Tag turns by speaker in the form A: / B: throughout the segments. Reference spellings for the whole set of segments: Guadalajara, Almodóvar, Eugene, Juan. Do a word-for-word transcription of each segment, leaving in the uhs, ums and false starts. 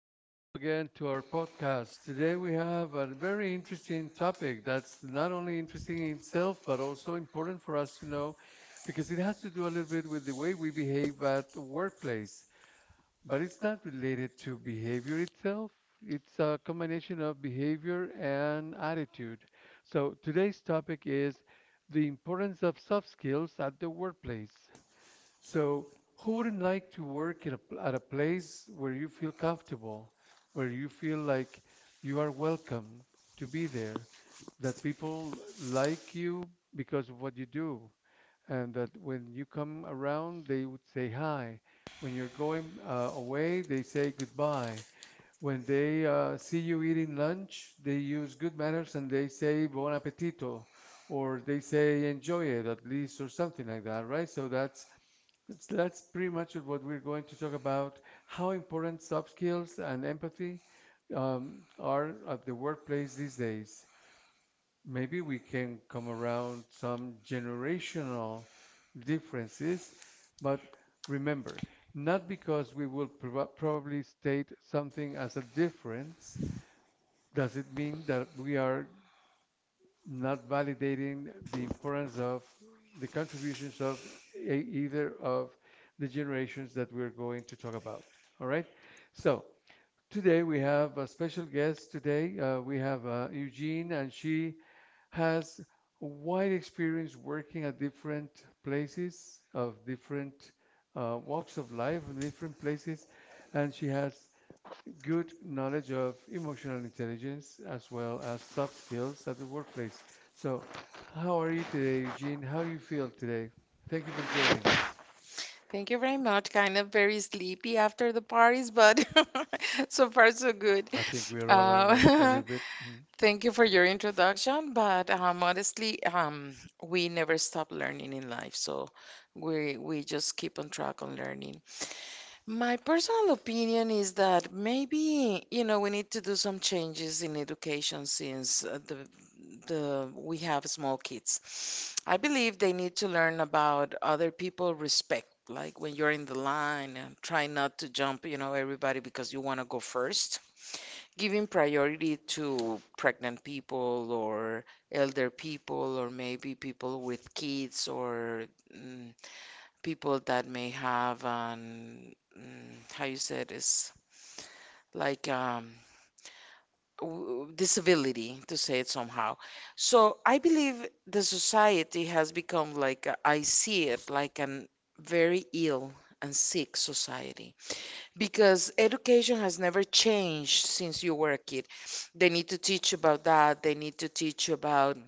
A: and welcome again to our podcast. Today we have a very interesting topic that's not only interesting in itself, but also important for us to know because it has to do a little bit with the way we behave at the workplace. But it's not related to behavior itself, it's a combination of behavior and attitude. So today's topic is the importance of soft skills at the workplace. So, who wouldn't like to work at a, pl- at a place where you feel comfortable, where you feel like you are welcome to be there, that people like you because of what you do, and that when you come around, they would say hi. When you're going uh, away, they say goodbye. When they uh, see you eating lunch, they use good manners and they say bon appetito, or they say enjoy it at least, or something like that, right? So that's that's that's pretty much what we're going to talk about, how important soft skills and empathy um, are at the workplace these days. Maybe we can come around some generational differences, but remember, not because we will prob- probably state something as a difference, does it mean that we are not validating the importance of the contributions of e- either of the generations that we're going to talk about. All right. So today we have a special guest. Today uh, we have uh, Eugene, and she has wide experience working at different places of different uh, walks of life, in different places, and she has good knowledge of emotional intelligence as well as soft skills at the workplace. So, how are you today, Eugene? How do you feel today? Thank you for joining us.
B: Thank you very much. Kind of very sleepy after the parties, but so far so good.
A: I think we are all around a
B: Uh,
A: little bit. Mhm.
B: Thank you for your introduction, but um, honestly, um, we never stop learning in life, so we we just keep on track on learning. My personal opinion is that maybe, you know, we need to do some changes in education since uh, the the we have small kids. I believe they need to learn about other people respect, like when you're in the line and try not to jump, you know, everybody because you want to go first. Giving priority to pregnant people or elder people or maybe people with kids or mm, people that may have an mm, how you said is like um w- disability to say it somehow. So I believe the society has become like a- I see it like an very ill and sick society because education has never changed since you were a kid. They need to teach about that. They need to teach about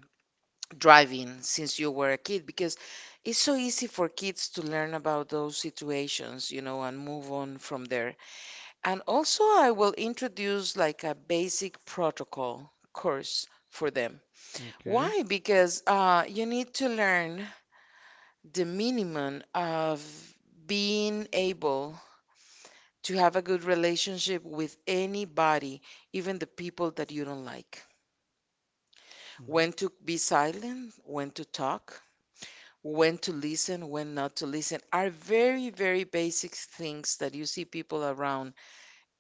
B: driving since you were a kid because it's so easy for kids to learn about those situations, you know, and move on from there. And also, I will introduce like a basic protocol course for them.
A: Okay.
B: Why? Because uh, you need to learn the minimum of being able to have a good relationship with anybody, even the people that you don't like.
A: hmm
B: When to be silent, when to talk, when to listen, when not to listen, are very, very basic things that you see people around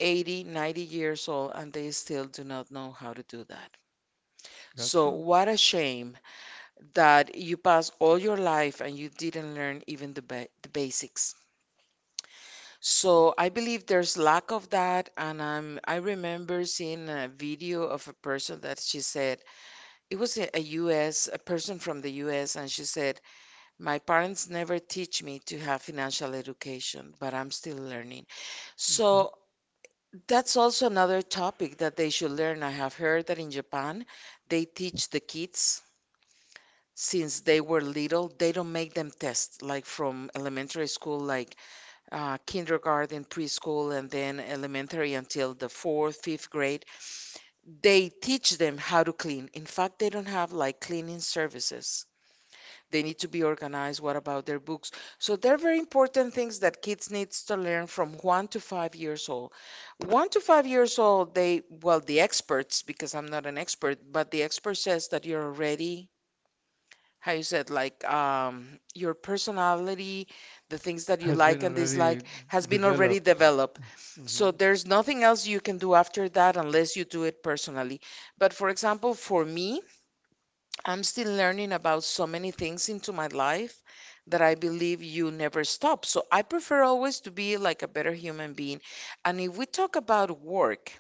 B: eighty, ninety years old and they still do not know how to do that.
A: That's
B: So,
A: true.
B: what a shame that you passed all your life and you didn't learn even the, ba- the basics. So, I believe there's lack of that. And um, I remember seeing a video of a person that she said, it was a, a U S, a person from the U S, and she said, "My parents never teach me to have financial education, but I'm still learning."
A: Okay.
B: So that's also another topic that they should learn. I have heard that in Japan, they teach the kids since they were little, they don't make them test like from elementary school, like uh, kindergarten, preschool, and then elementary until the fourth, fifth grade. They teach them how to clean. In fact, they don't have like cleaning services. They need to be organized, what about their books. So they're very important things that kids needs to learn from one to five years old. One to five years old, they, well, the experts, because I'm not an expert, but the expert says that you're already, how you said, like, um, your personality, the things that you
A: Has been
B: like and
A: already
B: dislike, has been already
A: developed.
B: developed.
A: Hmm
B: So there's nothing else you can do after that unless you do it personally. But for example, for me, I'm still learning about so many things into my life, that I believe you never stop. So I prefer always to be like a better human being. And if we talk about work,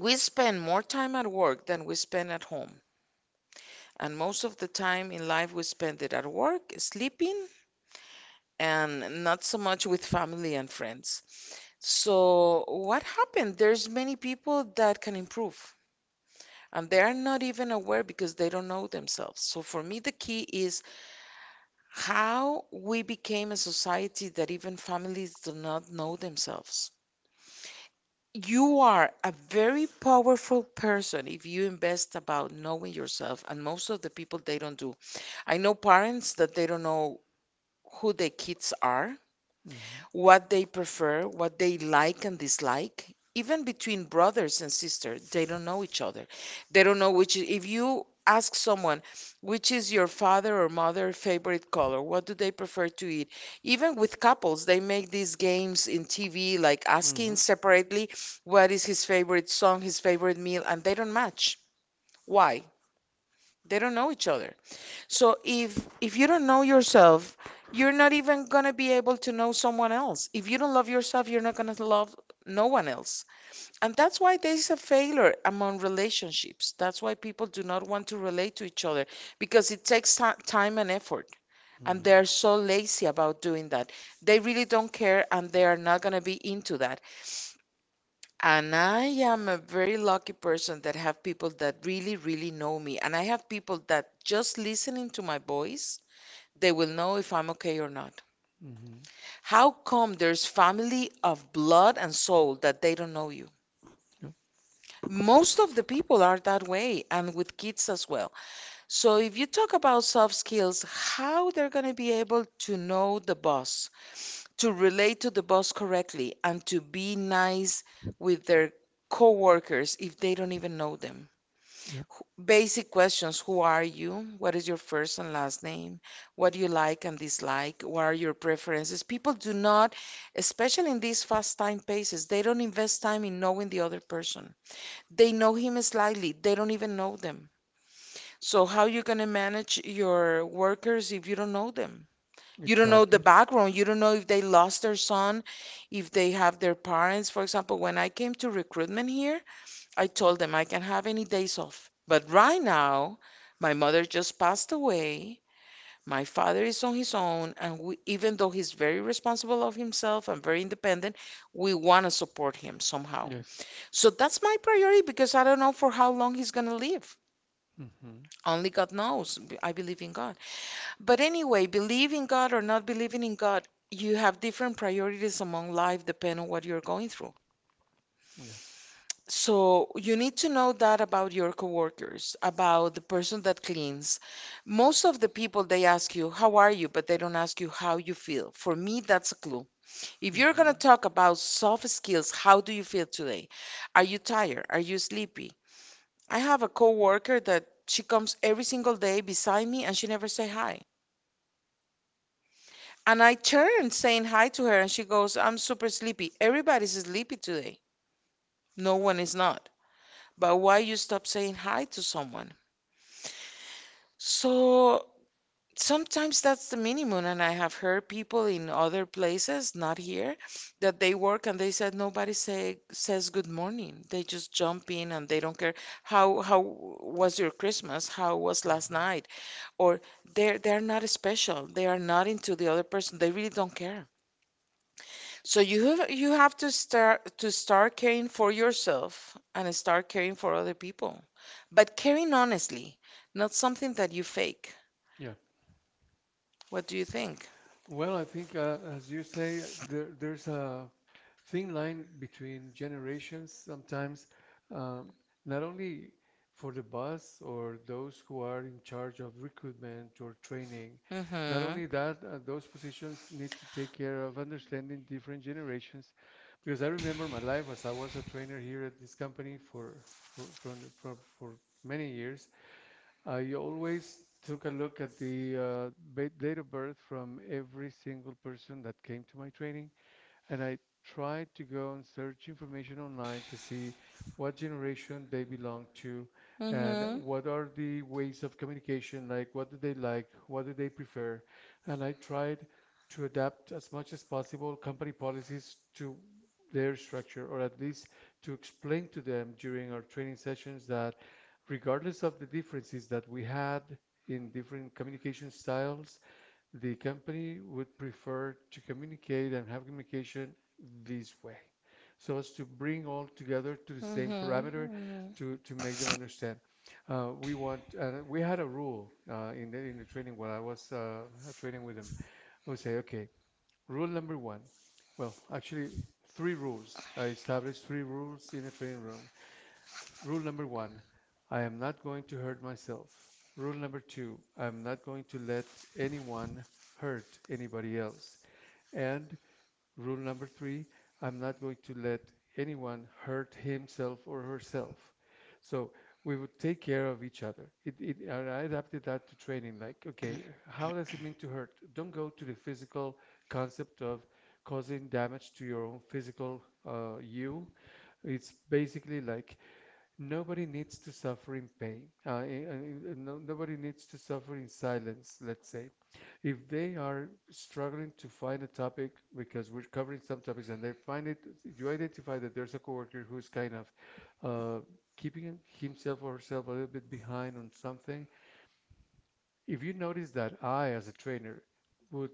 B: we spend more time at work than we spend at home. And most of the time in life, we spend it at work, sleeping, and not so much with family and friends. So what happened? There's many people that can improve, and they are not even aware because they don't know themselves. So for me, the key is how we became a society that even families do not know themselves. You are a very powerful person if you invest about knowing yourself, and most of the people they don't do. I know parents that they don't know who their kids are,
A: hmm
B: what they prefer, what they like and dislike. Even between brothers and sisters, they don't know each other. They don't know which, if you ask someone, which is your father or mother favorite color, what do they prefer to eat? Even with couples, they make these games in T V, like
A: Mm-hmm.
B: asking
A: and
B: separately what is his favorite song, his favorite meal, and they don't match. Why? They don't know each other. So if if you don't know yourself, you're not even gonna be able to know someone else. If you don't love yourself, you're not gonna love no one else. And that's why there is a failure among relationships. That's why people do not want to relate to each other because it takes ti- time and effort. And they're so lazy about doing that. They really don't care and they are not gonna be into that. And I am a very lucky person that have people that really, really know me. And I have people that just listening to my voice they will know if I'm okay or not.
A: hmm
B: How come there's family of blood and soul that they don't know you?
A: Yep.
B: Most of the people are that way and with kids as well. So if you talk about soft skills, how they're going to be able to know the boss, to relate to the boss correctly and to be nice with their coworkers if they don't even know them.
A: Yep. You don't know
B: Wh- Basic questions. Who are you? What is your first and last name? What do you like and dislike? What are your preferences? People do not, especially in these fast time paces, they don't invest time in knowing the other person. They know him slightly, they don't even know them. So, how you going to manage your workers if you don't know them? You don't know the
A: the.
B: background. You don't know if they lost their son, if they have their parents. For example, when I came to recruitment here, I told them I can have any days off. But right now, my mother just passed away. My father is on his own, and we, even though he's very responsible of himself and very independent, we want to support him somehow. So that's my priority because I don't know for how long he's going to live.
A: Mm-hmm.
B: Only God knows. I believe in God. But anyway, believe in God or not believing in God, you have different priorities among life depending on what you're going through.
A: Yes.
B: So you need to know that about your coworkers, about the person that cleans. Most of the people they ask you, "How are you?" but they don't ask you how you feel. For me, that's a clue. If you're going to talk about soft skills, how do you feel today? Are you tired? Are you sleepy? I have a coworker that she comes every single day beside me and she never say hi. And I turn saying hi to her and she goes, "I'm super sleepy." Everybody's sleepy today. No one is not. But why you stop saying hi to someone? So sometimes that's the minimum. And I have heard people in other places, not here, that they work and they said nobody say says good morning. They just jump in and they don't care how how was your Christmas? How was last night? Or they're they're not special. They are not into the other person. They really don't care. So you have you have to start to start caring for yourself and start caring for other people. But caring honestly, not something that you fake. What do you think?
A: Well, I think, uh, as you say, there, there's a thin line between generations sometimes, um, not only for the boss or those who are in charge of recruitment or training.
B: Mm-hmm.
A: Not only that, uh,
B: Mm-hmm.
A: those positions need to take care of understanding different generations, because I remember my life as I was a trainer here at this company for for from, for, for many years. I always took a look at the uh, ba- date of birth from every single person that came to my training, and I tried to go and search information online to see what generation they belong to and
B: Mm-hmm.
A: what are the ways of communication like, what do they like, what do they prefer. And I tried to adapt as much as possible company policies to their structure, or at least to explain to them during our training sessions that regardless of the differences that we had in different communication styles, the company would prefer to communicate and have communication this way so as to bring all together to the same parameter to, to make them understand. Uh, we want, and we had a rule uh, in, the, in the training while I was uh, training with them. I would say, okay, rule number one. Well, actually, three rules. I established three rules in the training room. Rule number one, I am not going to hurt myself. Rule number two, I am not going to let anyone hurt anybody else. And rule number three, I'm not going to let anyone hurt himself or herself. So we would take care of each other. It, it, I adapted that to training. Like, okay, how does it mean to hurt? Don't go to the physical concept of causing damage to your own physical uh, you. It's basically like nobody needs to suffer in pain. Uh, in- in- in- no, Nobody needs to suffer in silence, let's say. If they are struggling to find a topic because we're covering some topics and they find it, you identify that there's a coworker who's kind of uh, keeping himself or herself a little bit behind on something. If you notice that I, as a trainer, would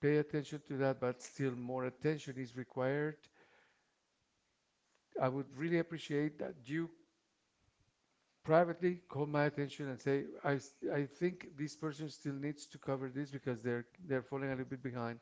A: pay attention to that, but still more attention is required, I would really appreciate that you privately call my attention and say, I, s- I think this person still needs to cover this because they're they're falling a little bit behind,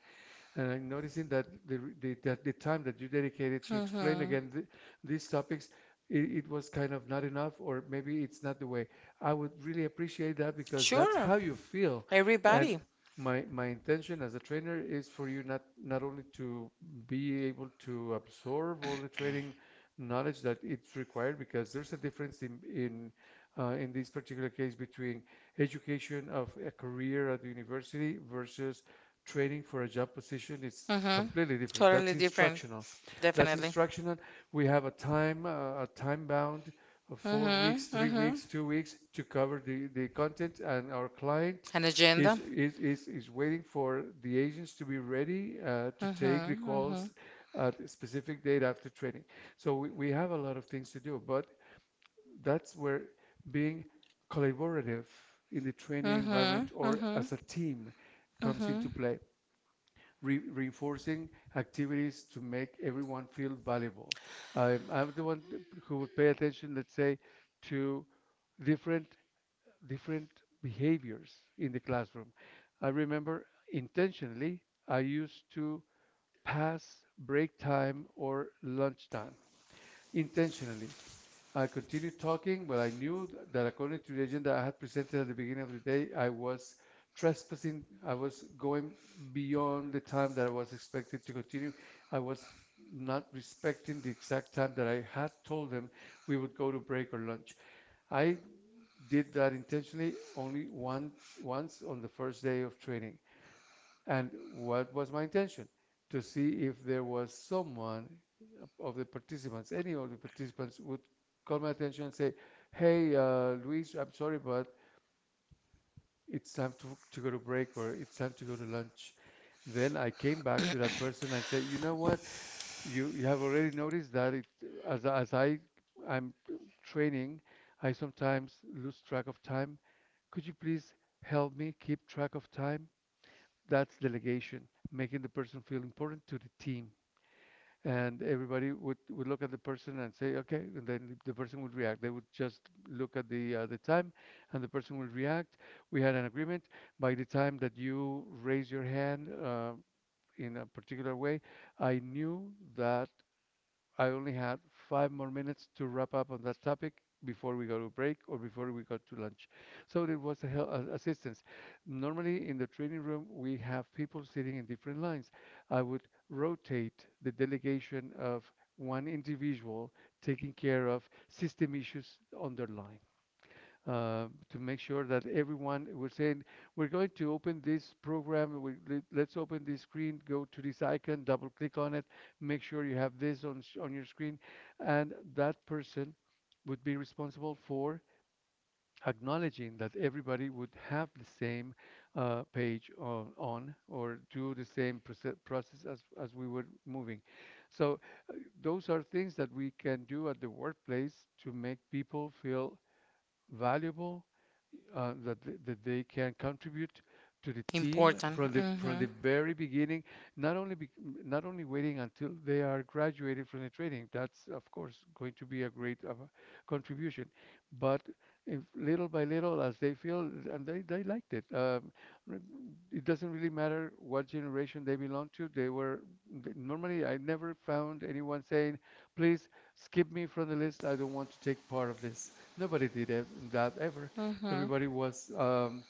A: and I'm noticing that the, the that the time that you dedicated to explain again th- these topics, it, it was kind of not enough, or maybe it's not the way. I would really appreciate that
B: Mm-hmm.
A: because that's
B: Sure.
A: how you feel, and
B: Everybody.
A: my my intention as a trainer is for you not not only to be able to absorb all the training knowledge that it's required because there's a difference in in uh, in this particular case between education of a career at the university versus training for a job position is
B: Mm-hmm.
A: completely different. That's
B: Totally different.
A: instructional. That's
B: Definitely.
A: instructional. We have a time uh, a time bound of
B: Mm
A: four weeks,
B: mm-hmm.
A: three
B: Mm mm-hmm.
A: weeks, two weeks to cover the, the content, and our client
B: An
A: is
B: agenda.
A: is, is is waiting for the agents to be ready uh, to take the
B: Mm-hmm.
A: calls
B: Mm-hmm.
A: at a specific date after training. So we, we have a lot of things to do, but that's where being collaborative in the training environment
B: Mm-hmm.
A: or as a
B: Mm-hmm.
A: team comes into
B: Mm-hmm.
A: play, re- reinforcing activities to make everyone feel valuable. I'm, I'm the one who would pay attention, let's say, to different different behaviors in the classroom. I remember intentionally I used to pass break time or lunch time intentionally. I continued talking, but I knew th- that according to the agenda I had presented at the beginning of the day, I was trespassing. I was going beyond the time that I was expected to continue. I was not respecting the exact time that I had told them we would go to break or lunch. I did that intentionally only one once on the first day of training. And what was my intention? To see if there was someone of the participants, any of the participants would call my attention and say, hey, uh, Luis, I'm sorry, but it's time to, to go to break or it's time to go to lunch. Then I came back to that person and said, you know what? You, you have already noticed that it, as, as I, I'm training, I sometimes lose track of time. Could you please help me keep track of time? That's delegation, making the person feel important to the team. And everybody would, would look at the person and say, okay, and then the person would react. They would just look at the uh, the time, and the person would react. We had an agreement. By the time that you raise your hand uh, in a particular way, I knew that I only had five more minutes to wrap up on that topic before we go to break or before we go to lunch. So it was a hel- a- assistance. Normally in the training room, we have people sitting in different lines. I would rotate the delegation of one individual taking care of system issues on their line uh, to make sure that everyone was saying, we're going to open this program. We, let- let's open this screen, go to this icon, double click on it, make sure you have this on, s- on your screen. And that person would be responsible for acknowledging that everybody would have the same uh, page on, on or do the same proce- process as, as we were moving. So those are things that we can do at the workplace to make people feel valuable, uh, that th- that they can contribute to the team
B: Important.
A: from the from
B: Mm-hmm.
A: the very beginning, not only bec not only waiting until they are graduated from the training. That's of course going to be a great uh, contribution, but if little by little as they feel and they, they liked it. Um, re- it doesn't really matter what generation they belong to. They were th- normally I never found anyone saying, "Please skip me from the list. I don't want to take part of this." Nobody did ev- that ever.
B: Mm-hmm.
A: Everybody was um,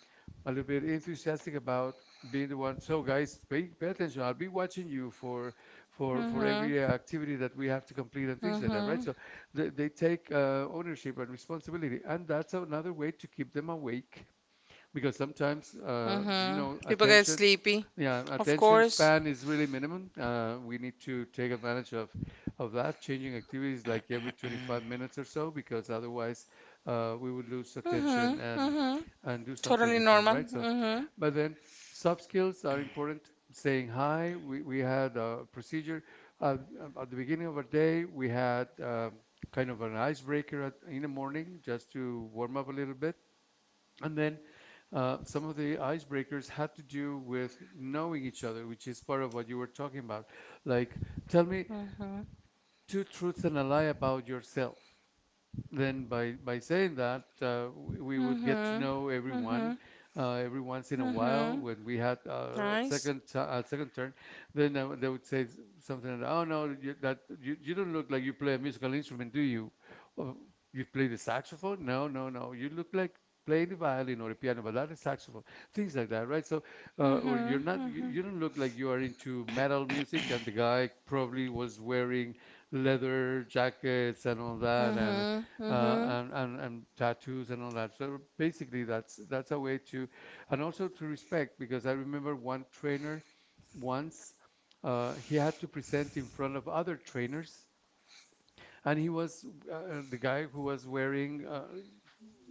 A: a little bit enthusiastic about being the one. So guys, pay, pay attention. I'll be watching you for for for
B: Mm-hmm.
A: every uh, activity that we have to complete and things like that,
B: Mm-hmm.
A: right? So they, they take uh, ownership and responsibility, and that's another way to keep them awake because sometimes uh, you
B: Mm-hmm.
A: know
B: People get
A: attention
B: sleepy.
A: yeah,
B: Of
A: attention
B: course.
A: span is really minimum. Uh, we need to take advantage of of that, changing activities like every twenty-five minutes or so, because otherwise uh, we would lose attention
B: Mm-hmm.
A: and
B: And
A: and do something different, right? So,
B: mm-hmm.
A: but then soft skills are important. Saying hi. We we had a procedure uh, at the beginning of our day. We had um, kind of an icebreaker at, in the morning just to warm up a little bit. And then uh, some of the icebreakers had to do with knowing each other, which is part of what you were talking about. Like, tell me
B: Mm-hmm.
A: two truths and a lie about yourself then by by saying that uh, we we would get to
B: Mhm.
A: know everyone.
B: Mhm.
A: Uh, every once in a while
B: Mhm.
A: when we had uh, second t- uh, second turn, then they would they would say s- something like, "Oh no, you, that you, you don't look like you play a musical instrument, do you? Oh, you play the saxophone? No, no, no, you look like playing the violin or the piano, but not the saxophone." Things like that, right? So uh, or you're
B: Mhm,
A: not, you, you
B: mhm.
A: don't
B: Not
A: look like you are into metal music, and the guy probably was wearing leather jackets and all that, and
B: mhm, uh,
A: uh,
B: mhm.
A: and, and and tattoos and all that. So basically, that's that's a way to, and also to respect, because I remember one trainer once. Uh, he had to present in front of other trainers, and he was uh, uh, the guy who was wearing uh,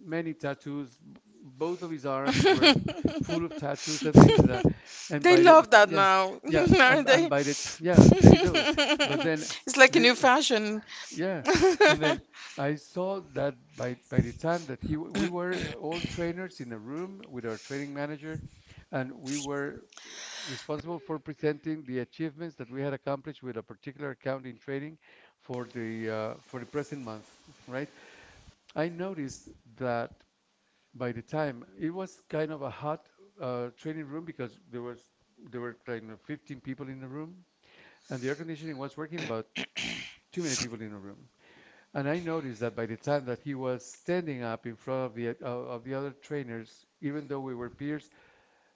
A: many tattoos. B- Both of his arms were full of tattoos and things like that. And
B: They
A: by the,
B: love that
A: yeah,
B: now,
A: yeah, and
B: aren't
A: and
B: they?
A: by the t- yeah, they do. But then
B: It's like a
A: the,
B: new fashion.
A: yeah, and then I saw that by by the time that he w- we were all trainers in a room with our training manager, and we were responsible for presenting the achievements that we had accomplished with a particular account in training for the uh, for the present month, right? I noticed that by the time, it was kind of a hot uh, training room because there was there were kind of fifteen people in the room and the air conditioning was working, but too many people in the room. And I noticed that by the time that he was standing up in front of the uh, of the other trainers, even though we were peers,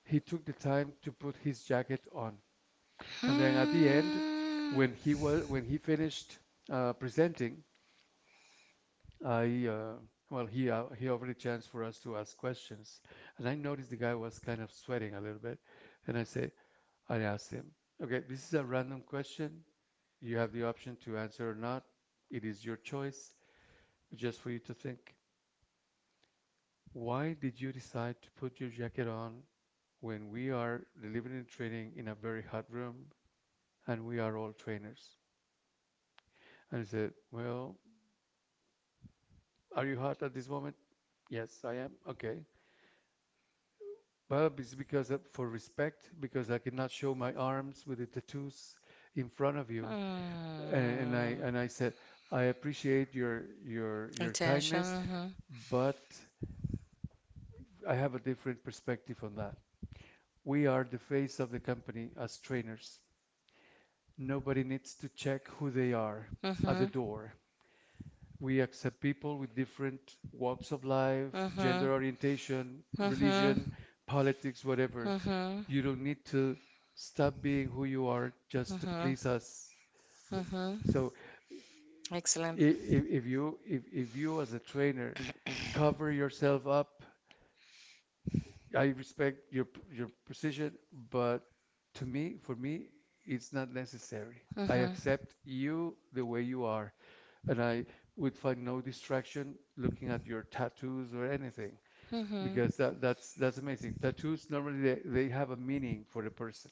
A: he took the time to put his jacket on. And then at the end,
B: Hmm.
A: when he was, when he finished uh, presenting, I uh, well, he uh, he offered a chance for us to ask questions, and I noticed the guy was kind of sweating a little bit, and I say, I asked him, "Okay, this is a random question. You have the option to answer or not. It is your choice, just for you to think. Why did you decide to put your jacket on when we are delivering and training in a very hot room and we are all trainers?" And he said, "Well, are you hot at this moment?" "Yes, I am." "Okay, well, it's because of, for respect, because I could not show my arms with the tattoos in front of you." And, and I
B: Hmm.
A: and I said, "I appreciate your your your kindness,
B: Intention.
A: but I have a different perspective on that. We are the face of the company as trainers. Nobody needs to check who they are at the
B: Mhm,
A: door. We accept people with different walks of life,
B: mhm,
A: gender
B: mhm,
A: orientation, religion, politics, whatever.
B: mhm,
A: You don't need to stop being who you are just to
B: mhm, mhm.
A: please us.
B: Mm-hmm.
A: So,
B: Excellent.
A: if, if you if, if you as a trainer cover yourself up, I respect your p- your position, but to me, for me, it's not necessary.
B: Mm-hmm.
A: I
B: Mm-hmm.
A: accept you the way you are. And I would find no distraction looking at your tattoos or anything,
B: Mm-hmm.
A: because that that's that's amazing. Tattoos normally, they, they have a meaning for the person.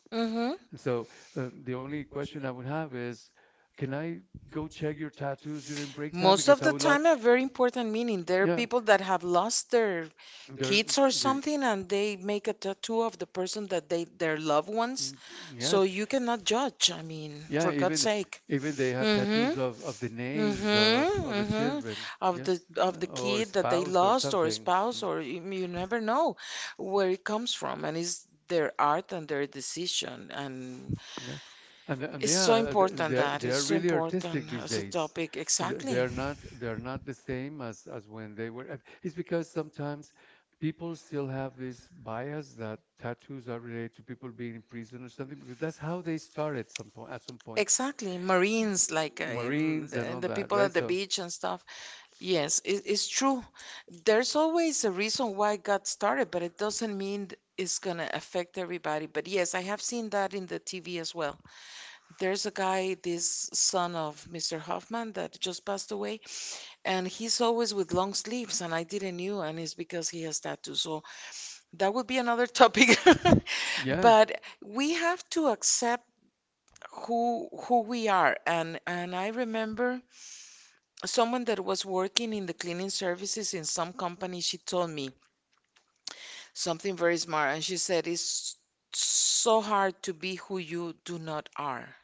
A: So uh, the only question I would have is, can I go check your tattoos during break time?
B: Most of
A: Because I
B: the
A: would love,"
B: time, a very important meaning. There are
A: yeah,
B: people that have lost their
A: they're
B: kids or
A: they're
B: something, and they make a tattoo of the person that they their loved ones.
A: mm,
B: So
A: yes.
B: you cannot judge. I mean,
A: Yeah,
B: for God's
A: even,
B: sake.
A: even they have
B: Mm-hmm.
A: tattoos of, of the names of,
B: Mm-hmm,
A: of the
B: mm-hmm.
A: children,
B: Of the
A: yes,
B: of the
A: or
B: kid that they
A: spouse or
B: lost or
A: something.
B: spouse
A: Mm.
B: or you, you never know where it comes from and it's their art and their decision and
A: Yeah, and the- and
B: it's so
A: yeah,
B: important
A: they're
B: that
A: they
B: it's
A: are
B: so
A: really artistic
B: important
A: these
B: as a
A: days.
B: topic
A: Th- They
B: exactly.
A: are not, they are not the same as as when they were. It's because sometimes people still have this bias that tattoos are related to people being in prison or something, because that's how they started some point at some point.
B: Exactly, Marines like uh, um,
A: Marines and
B: the,
A: all
B: the
A: that,
B: people
A: right?
B: at the
A: So
B: beach and stuff. Yes, it, it's true. There's always a reason why it got started, but it doesn't mean th- it's gonna affect everybody. But yes, I have seen that in the T V as well. There's a guy, this son of Mister Hoffman, that just passed away, and he's always with long sleeves, and I didn't knew, and it's because he has tattoos. So that would be another topic.
A: yeah.
B: But we have to accept who who we are, and and I remember someone that was working in the cleaning services in some company, she told me something very smart, and she said, "It's so hard to be who you do not are."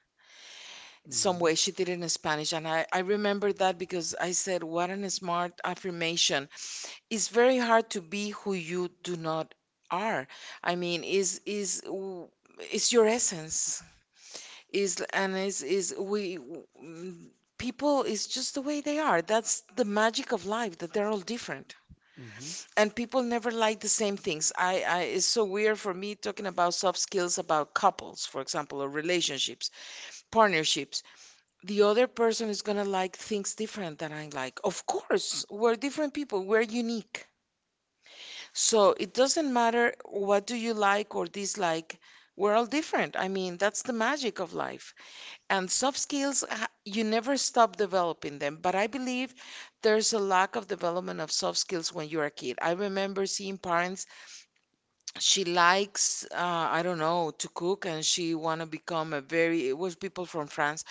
B: Some
A: Mhm.
B: way she did it in Spanish, and I, I remember that because I said, What an smart affirmation. It's very hard to be who you do not are. I mean, is is w- is your essence is and is is we mm, people is just the way they are. That's the magic of life that they're all different.
A: Affirmation.
B: And people never like the same things. i i it's so weird for me talking about soft skills, about couples for example, or relationships, partnerships. The other person is going to like things different than I like. Of course, we're different people, we're unique. So it doesn't matter what do you like or dislike. We're all different. I mean, that's the magic of life. And soft skills, ha- you never stop developing them, but I believe there's a lack of development of soft skills when you're a kid. I remember seeing parents, she likes, uh, I don't know, to cook, and she want to become a very, it was people from france,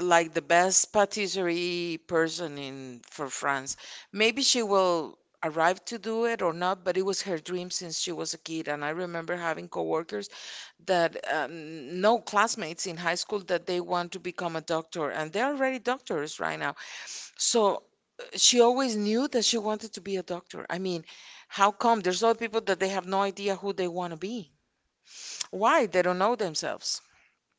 B: like the best patisserie person in for france. Maybe she will arrive to do it or not, but it was her dream since she was a kid. And I remember having coworkers that, um, no, classmates in high school that they want to become a doctor, and they're already doctors right now. So, uh, she always knew that she wanted to be a doctor. I mean, how come there's other people that they have no idea who they want to be? Why? They don't know themselves.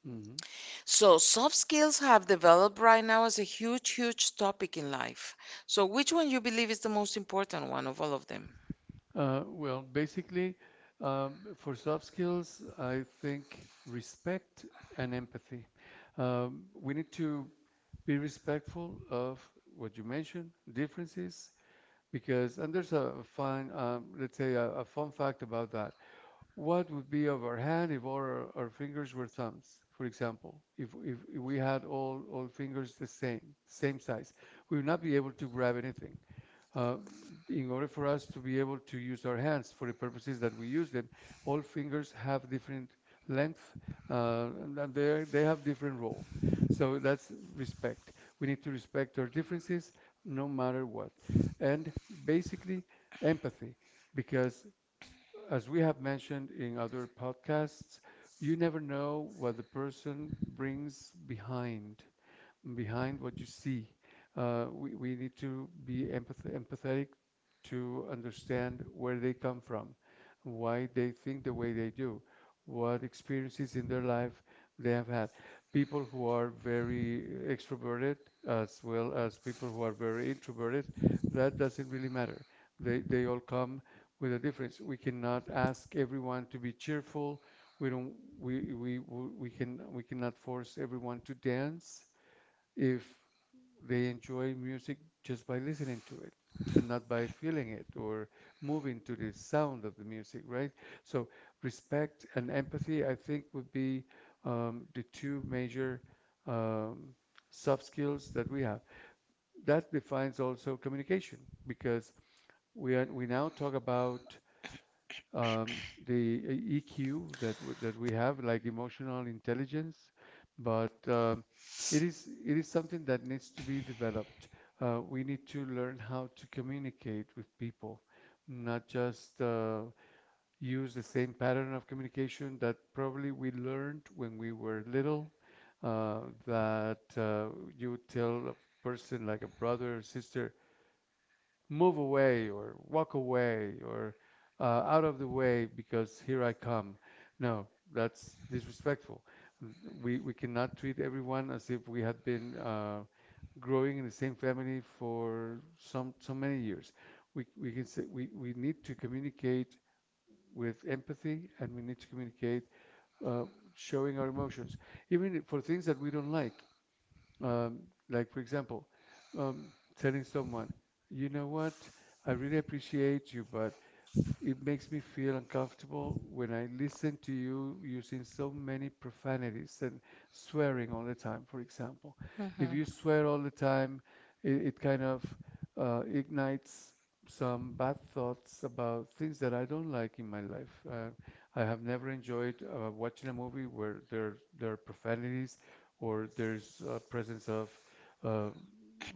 A: Mhm. Mhm.
B: So, soft skills have developed right now as a huge, huge topic in life. So, which one you believe is the most important one of all of them?
A: Uh, well, basically, um, for soft skills, I think respect and empathy. Um, we need to be respectful of what you mentioned, differences, because, and there's a fun, um, let's say, a, a fun fact about that. What would be of our hand if all our, our fingers were thumbs, for example? If, if, if we had all, all fingers the same, same size, we would not be able to grab anything. Uh, in order for us to be able to use our hands for the purposes that we use them, all fingers have different length, uh, and, and they they have different role. So that's respect. We need to respect our differences no matter what. And basically, empathy, because as we have mentioned in other podcasts, you never know what the person brings behind, behind what you see. Uh, we, we need to be empath- empathetic to understand where they come from, why they think the way they do, what experiences in their life they have had. People who are very extroverted, as well as people who are very introverted, that doesn't really matter. They, they all come with a difference. We cannot ask everyone to be cheerful. We don't, we, we, we we can, we cannot force everyone to dance if they enjoy music just by listening to it and not by feeling it or moving to the sound of the music, right? So respect and empathy, I think, would be um, the two major um, soft skills that we have. That defines also communication, because we are, we now talk about um, the uh, E Q that w- that we have, like emotional intelligence, but um, it is it is something that needs to be developed. Uh, we need to learn how to communicate with people, not just uh, use the same pattern of communication that probably we learned when we were little. Uh, that uh, you would tell a person like a brother or sister, move away or walk away or uh, out of the way because here I come. No, that's disrespectful. We we cannot treat everyone as if we have been uh, growing in the same family for some so many years. We we can say we, we need to communicate with empathy, and we need to communicate uh, showing our emotions even if- for things that we don't like, um, like, for example, um, telling someone, "You know what, I really appreciate you, but it makes me feel uncomfortable when I listen to you using so many profanities and swearing all the time, for example. If
B: Mhm.
A: you swear all the time, it, it kind of uh, ignites some bad thoughts about things that I don't like in my life. Uh, I have never enjoyed uh, watching a movie where there, there are profanities or there's uh, presence of uh,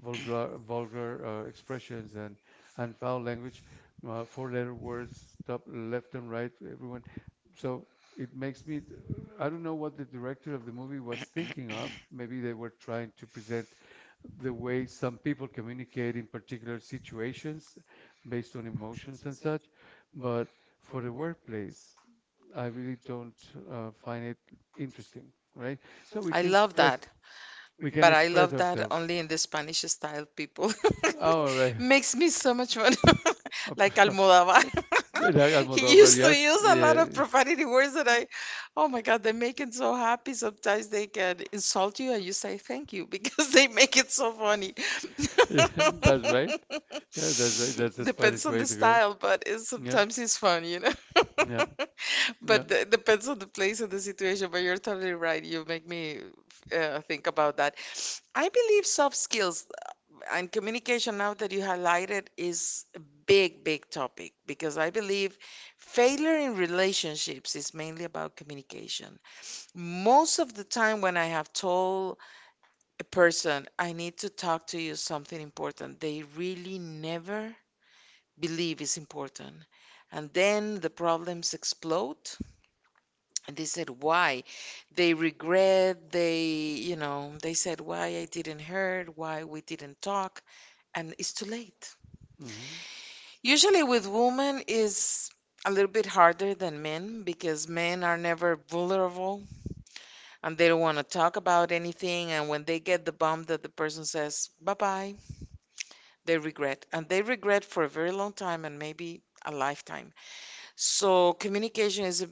A: vulgar, vulgar uh, expressions and, and foul language, uh, four letter words, top left and right, everyone. So it makes me, I don't know what the director of the movie was thinking of. Maybe they were trying to present the way some people communicate in particular situations based on emotions and such. But for the workplace, I really don't uh, find it interesting, right? So we
B: I
A: can
B: love
A: express,
B: that.
A: we can
B: But I
A: express
B: love that
A: ourselves."
B: only in the Spanish style people.
A: Oh, all right.
B: Makes me so much fun. Like Almodovar.
A: Yeah,
B: He
A: Almodóvar,
B: used to
A: yes,
B: use a lot of
A: yeah.
B: profanity words that I, oh my God, they make it so happy. Sometimes they can insult you and you say thank you because they make it so funny.
A: Yeah, that's right. Yeah, that's right. That's the
B: Depends
A: Spanish
B: on
A: way
B: the
A: to go.
B: style, but it's,
A: Yep.
B: sometimes it's fun, you know?
A: Yep. Yep.
B: But it depends on the place and the situation. But you're totally right. You make me uh, think about that. I believe soft skills uh, and communication, now that you highlighted, is a big, big topic because I believe failure in relationships is mainly about communication. Most of the time, when I have told a person, I need to talk to you something important, they really never believe is important. And then the problems explode and they said why they regret, they, you know, they said why I didn't heard, why we didn't talk, and it's too late.
A: Mm-hmm.
B: Usually with women is a little bit harder than men, because men are never vulnerable and they don't want to talk about anything. And when they get the bump that the person says bye-bye, they regret, and they regret for a very long time, and maybe a lifetime. So, communication is a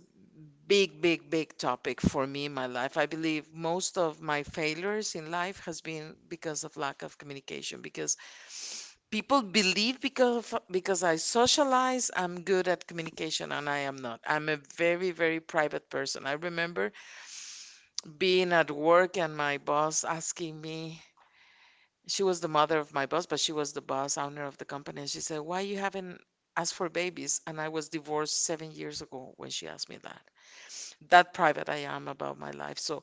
B: big, big, big topic for me in my life. I believe most of my failures in life has been because of lack of communication, because people believe, because of, because I socialize, I'm good at communication, and I am not. I'm a very, very private person. I remember being at work and my boss asking me, she was the mother of my boss, but she was the boss owner of the company, and she said, "Why you haven't asked for babies?" And I was divorced seven years ago when she asked me that. That private I am about my life. So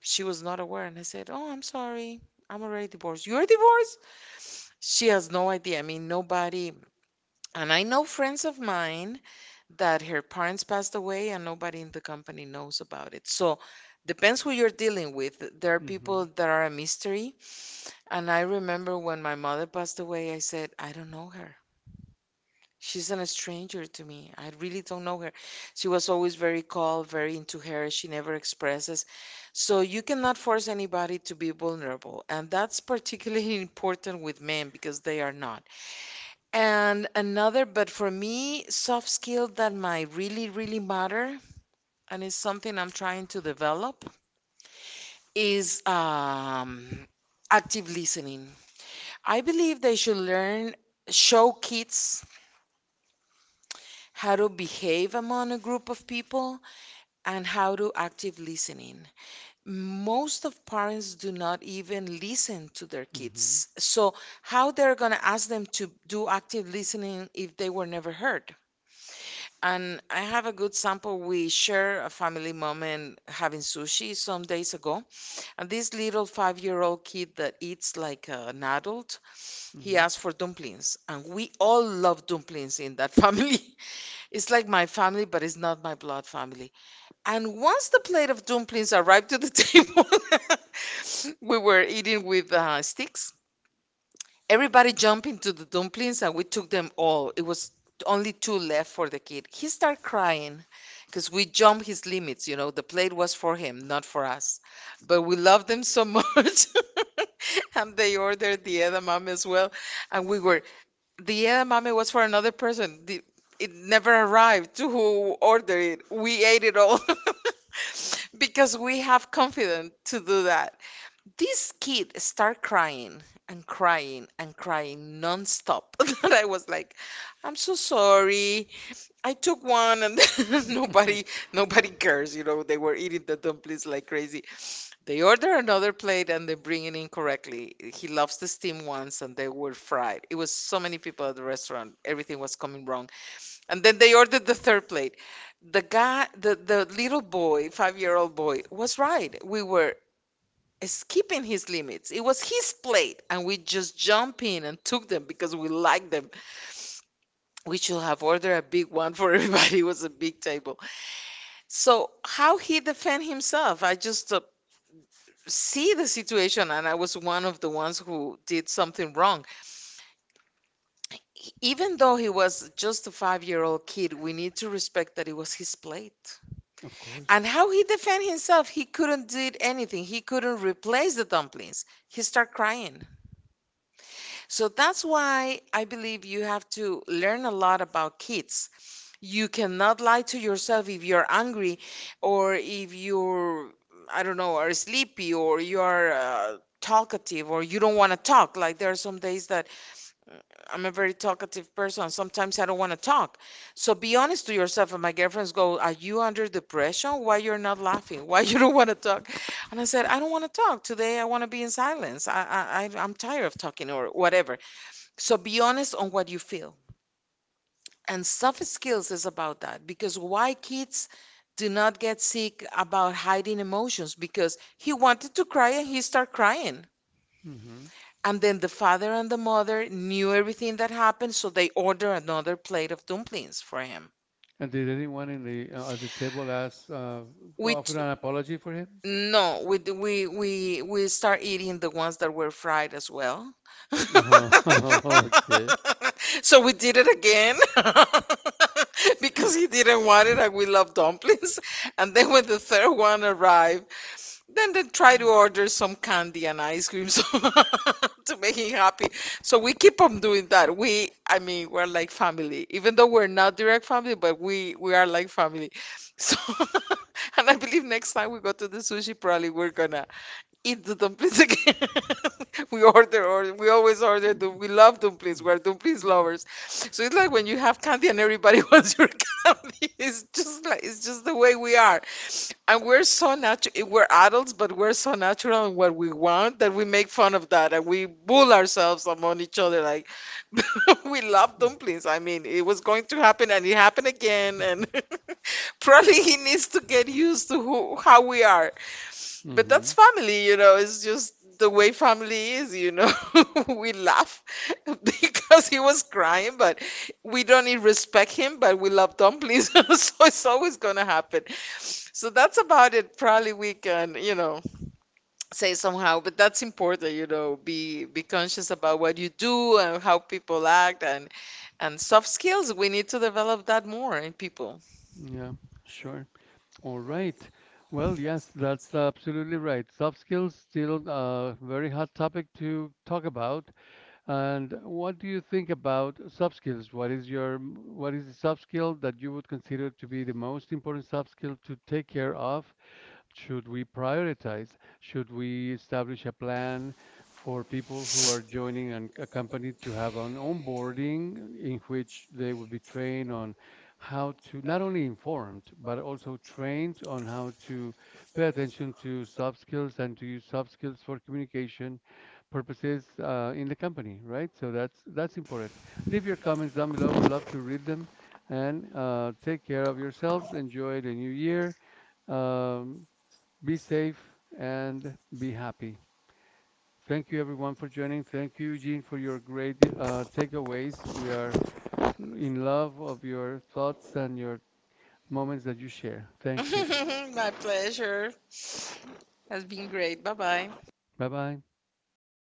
B: she was not aware. And I said, Oh, I'm sorry. I'm already divorced. You're divorced? She has no idea. I mean, nobody. And I know friends of mine that her parents passed away and nobody in the company knows about it. So depends who you're dealing with. There are people
A: Mm-hmm.
B: that are a mystery. And I remember when my mother passed away, I said, I don't know her. She's an stranger to me. I really don't know her. She was always very calm, very into her. She never expresses. So you cannot force anybody to be vulnerable. And that's particularly important with men because they are not. And another, but for me, soft skill that might really, really matter, and it's something I'm trying to develop, is um, active listening. I believe they should learn, show kids how to behave among a group of people and how to active listening. Most of parents do not even listen to their kids. So how they're going to ask them to do active listening if they were never heard? And I have a good sample. We share a family moment having sushi some days ago. And this little five-year-old kid that eats like an adult, he asked for dumplings. And we all love dumplings in that family. It's like my family, but it's not my blood family. And once the plate of dumplings arrived to the table, we were eating with uh, sticks. Everybody jumped into the dumplings and we took them all. It was only two left for the kid. He started crying because we jumped his limits. You know, the plate was for him, not for us. But we loved them so much. And they ordered the edamame as well. And we were, the edamame was for another person. The, it never arrived to who ordered it. We ate it all because we have confidence to do that. This kid started crying and crying and crying nonstop. And I was like, I'm so sorry. I took one and
A: Mm-hmm. Mm-hmm.
B: nobody nobody cares, you know, they were eating the dumplings like crazy. They order another plate and they bring it in correctly. He loves the steam ones and they were fried. It was so many people at the restaurant. Everything was coming wrong. And then they ordered the third plate. The guy, the, the little boy, five-year-old boy, was right. We were skipping his limits. It was his plate and we just jumped in and took them because we liked them. We should have ordered a big one for everybody. It was a big table. So how he defend himself? I just uh, see the situation, and I was one of the ones who did something wrong. E- even though he was just a five-year-old kid, we need to respect that it was his plate.
A: Of course.
B: And how he defend himself, he couldn't did anything, he couldn't replace the dumplings, he start crying. So that's why I believe you have to learn a lot about kids. You cannot lie to yourself if you're angry, or if you're, I don't know, are sleepy, or you are uh, talkative, or you don't want to talk. Like, there are some days that I'm a very talkative person. Sometimes I don't want to talk. So be honest to yourself. And my girlfriends go, "Are you under depression? Why you're not laughing? Why you don't want to talk?" And I said, "I don't want to talk today. I want to be in silence. I, I, I- I'm tired of talking or whatever." So be honest on what you feel. And soft skills is about that, because why kids do not get sick about hiding emotions, because he wanted to cry and he start crying.
A: Hmm.
B: And then the father and the mother knew everything that happened, so they order another plate of dumplings for him.
A: And did anyone in the uh, at the table ask, uh, offer
B: With
A: an apology for him?
B: no, we d- we we we start eating the ones that were fried as well.
A: Oh, okay.
B: So we did it again because he didn't want it, and we love dumplings. And then when the third one arrived, then they try to
A: Mm.
B: order some candy and ice cream so to make him happy. So we keep on doing that. We, I mean, we're like family, even though we're not direct family, but we we are like family. So, and I believe next time we go to the sushi, probably we're gonna eat the dumplings again. We order, or we always order. dum- We love
A: Mm,
B: dumplings. We're dumplings
A: mm,
B: lovers. So it's like when you have candy and everybody wants your candy. It's just like, it's just the way we are. And we're so natural. We're adults, but we're so natural in what we want that we make fun of that and we bull ourselves among each other. Like, we love dumplings. I mean, it was going to happen, and it happened again. And probably he needs to get used to who, how we are. But
A: mhm.
B: that's family, you know, it's just the way family is, you know. We laugh because he was crying, but we don't even respect him, but we love dumplings. So it's always gonna happen. So that's about it. Probably we can, you know, say somehow, but that's important, you know, be be conscious about what you do and how people act, and and soft skills. We need to develop that more in people.
A: Yeah, sure. All right. Well, yes, that's absolutely right. Soft skills still a very hot topic to talk about. And what do you think about soft skills? What is your what is the soft skill that you would consider to be the most important soft skill to take care of, should we prioritize? Should we establish a plan for people who are joining an, a company to have an onboarding in which they would be trained on how to not only informed but also trained on how to pay attention to soft skills and to use soft skills for communication purposes uh, in the company, right? So that's that's important. Leave your comments down below. We love to read them. And uh, take care of yourselves. Enjoy the new year. Um, be safe and be happy. Thank you, everyone, for joining. Thank you, Eugene, for your great uh, takeaways. We are in love of your thoughts and your moments that you share. Thank you.
B: My pleasure. Has been great. Bye bye.
A: Bye bye.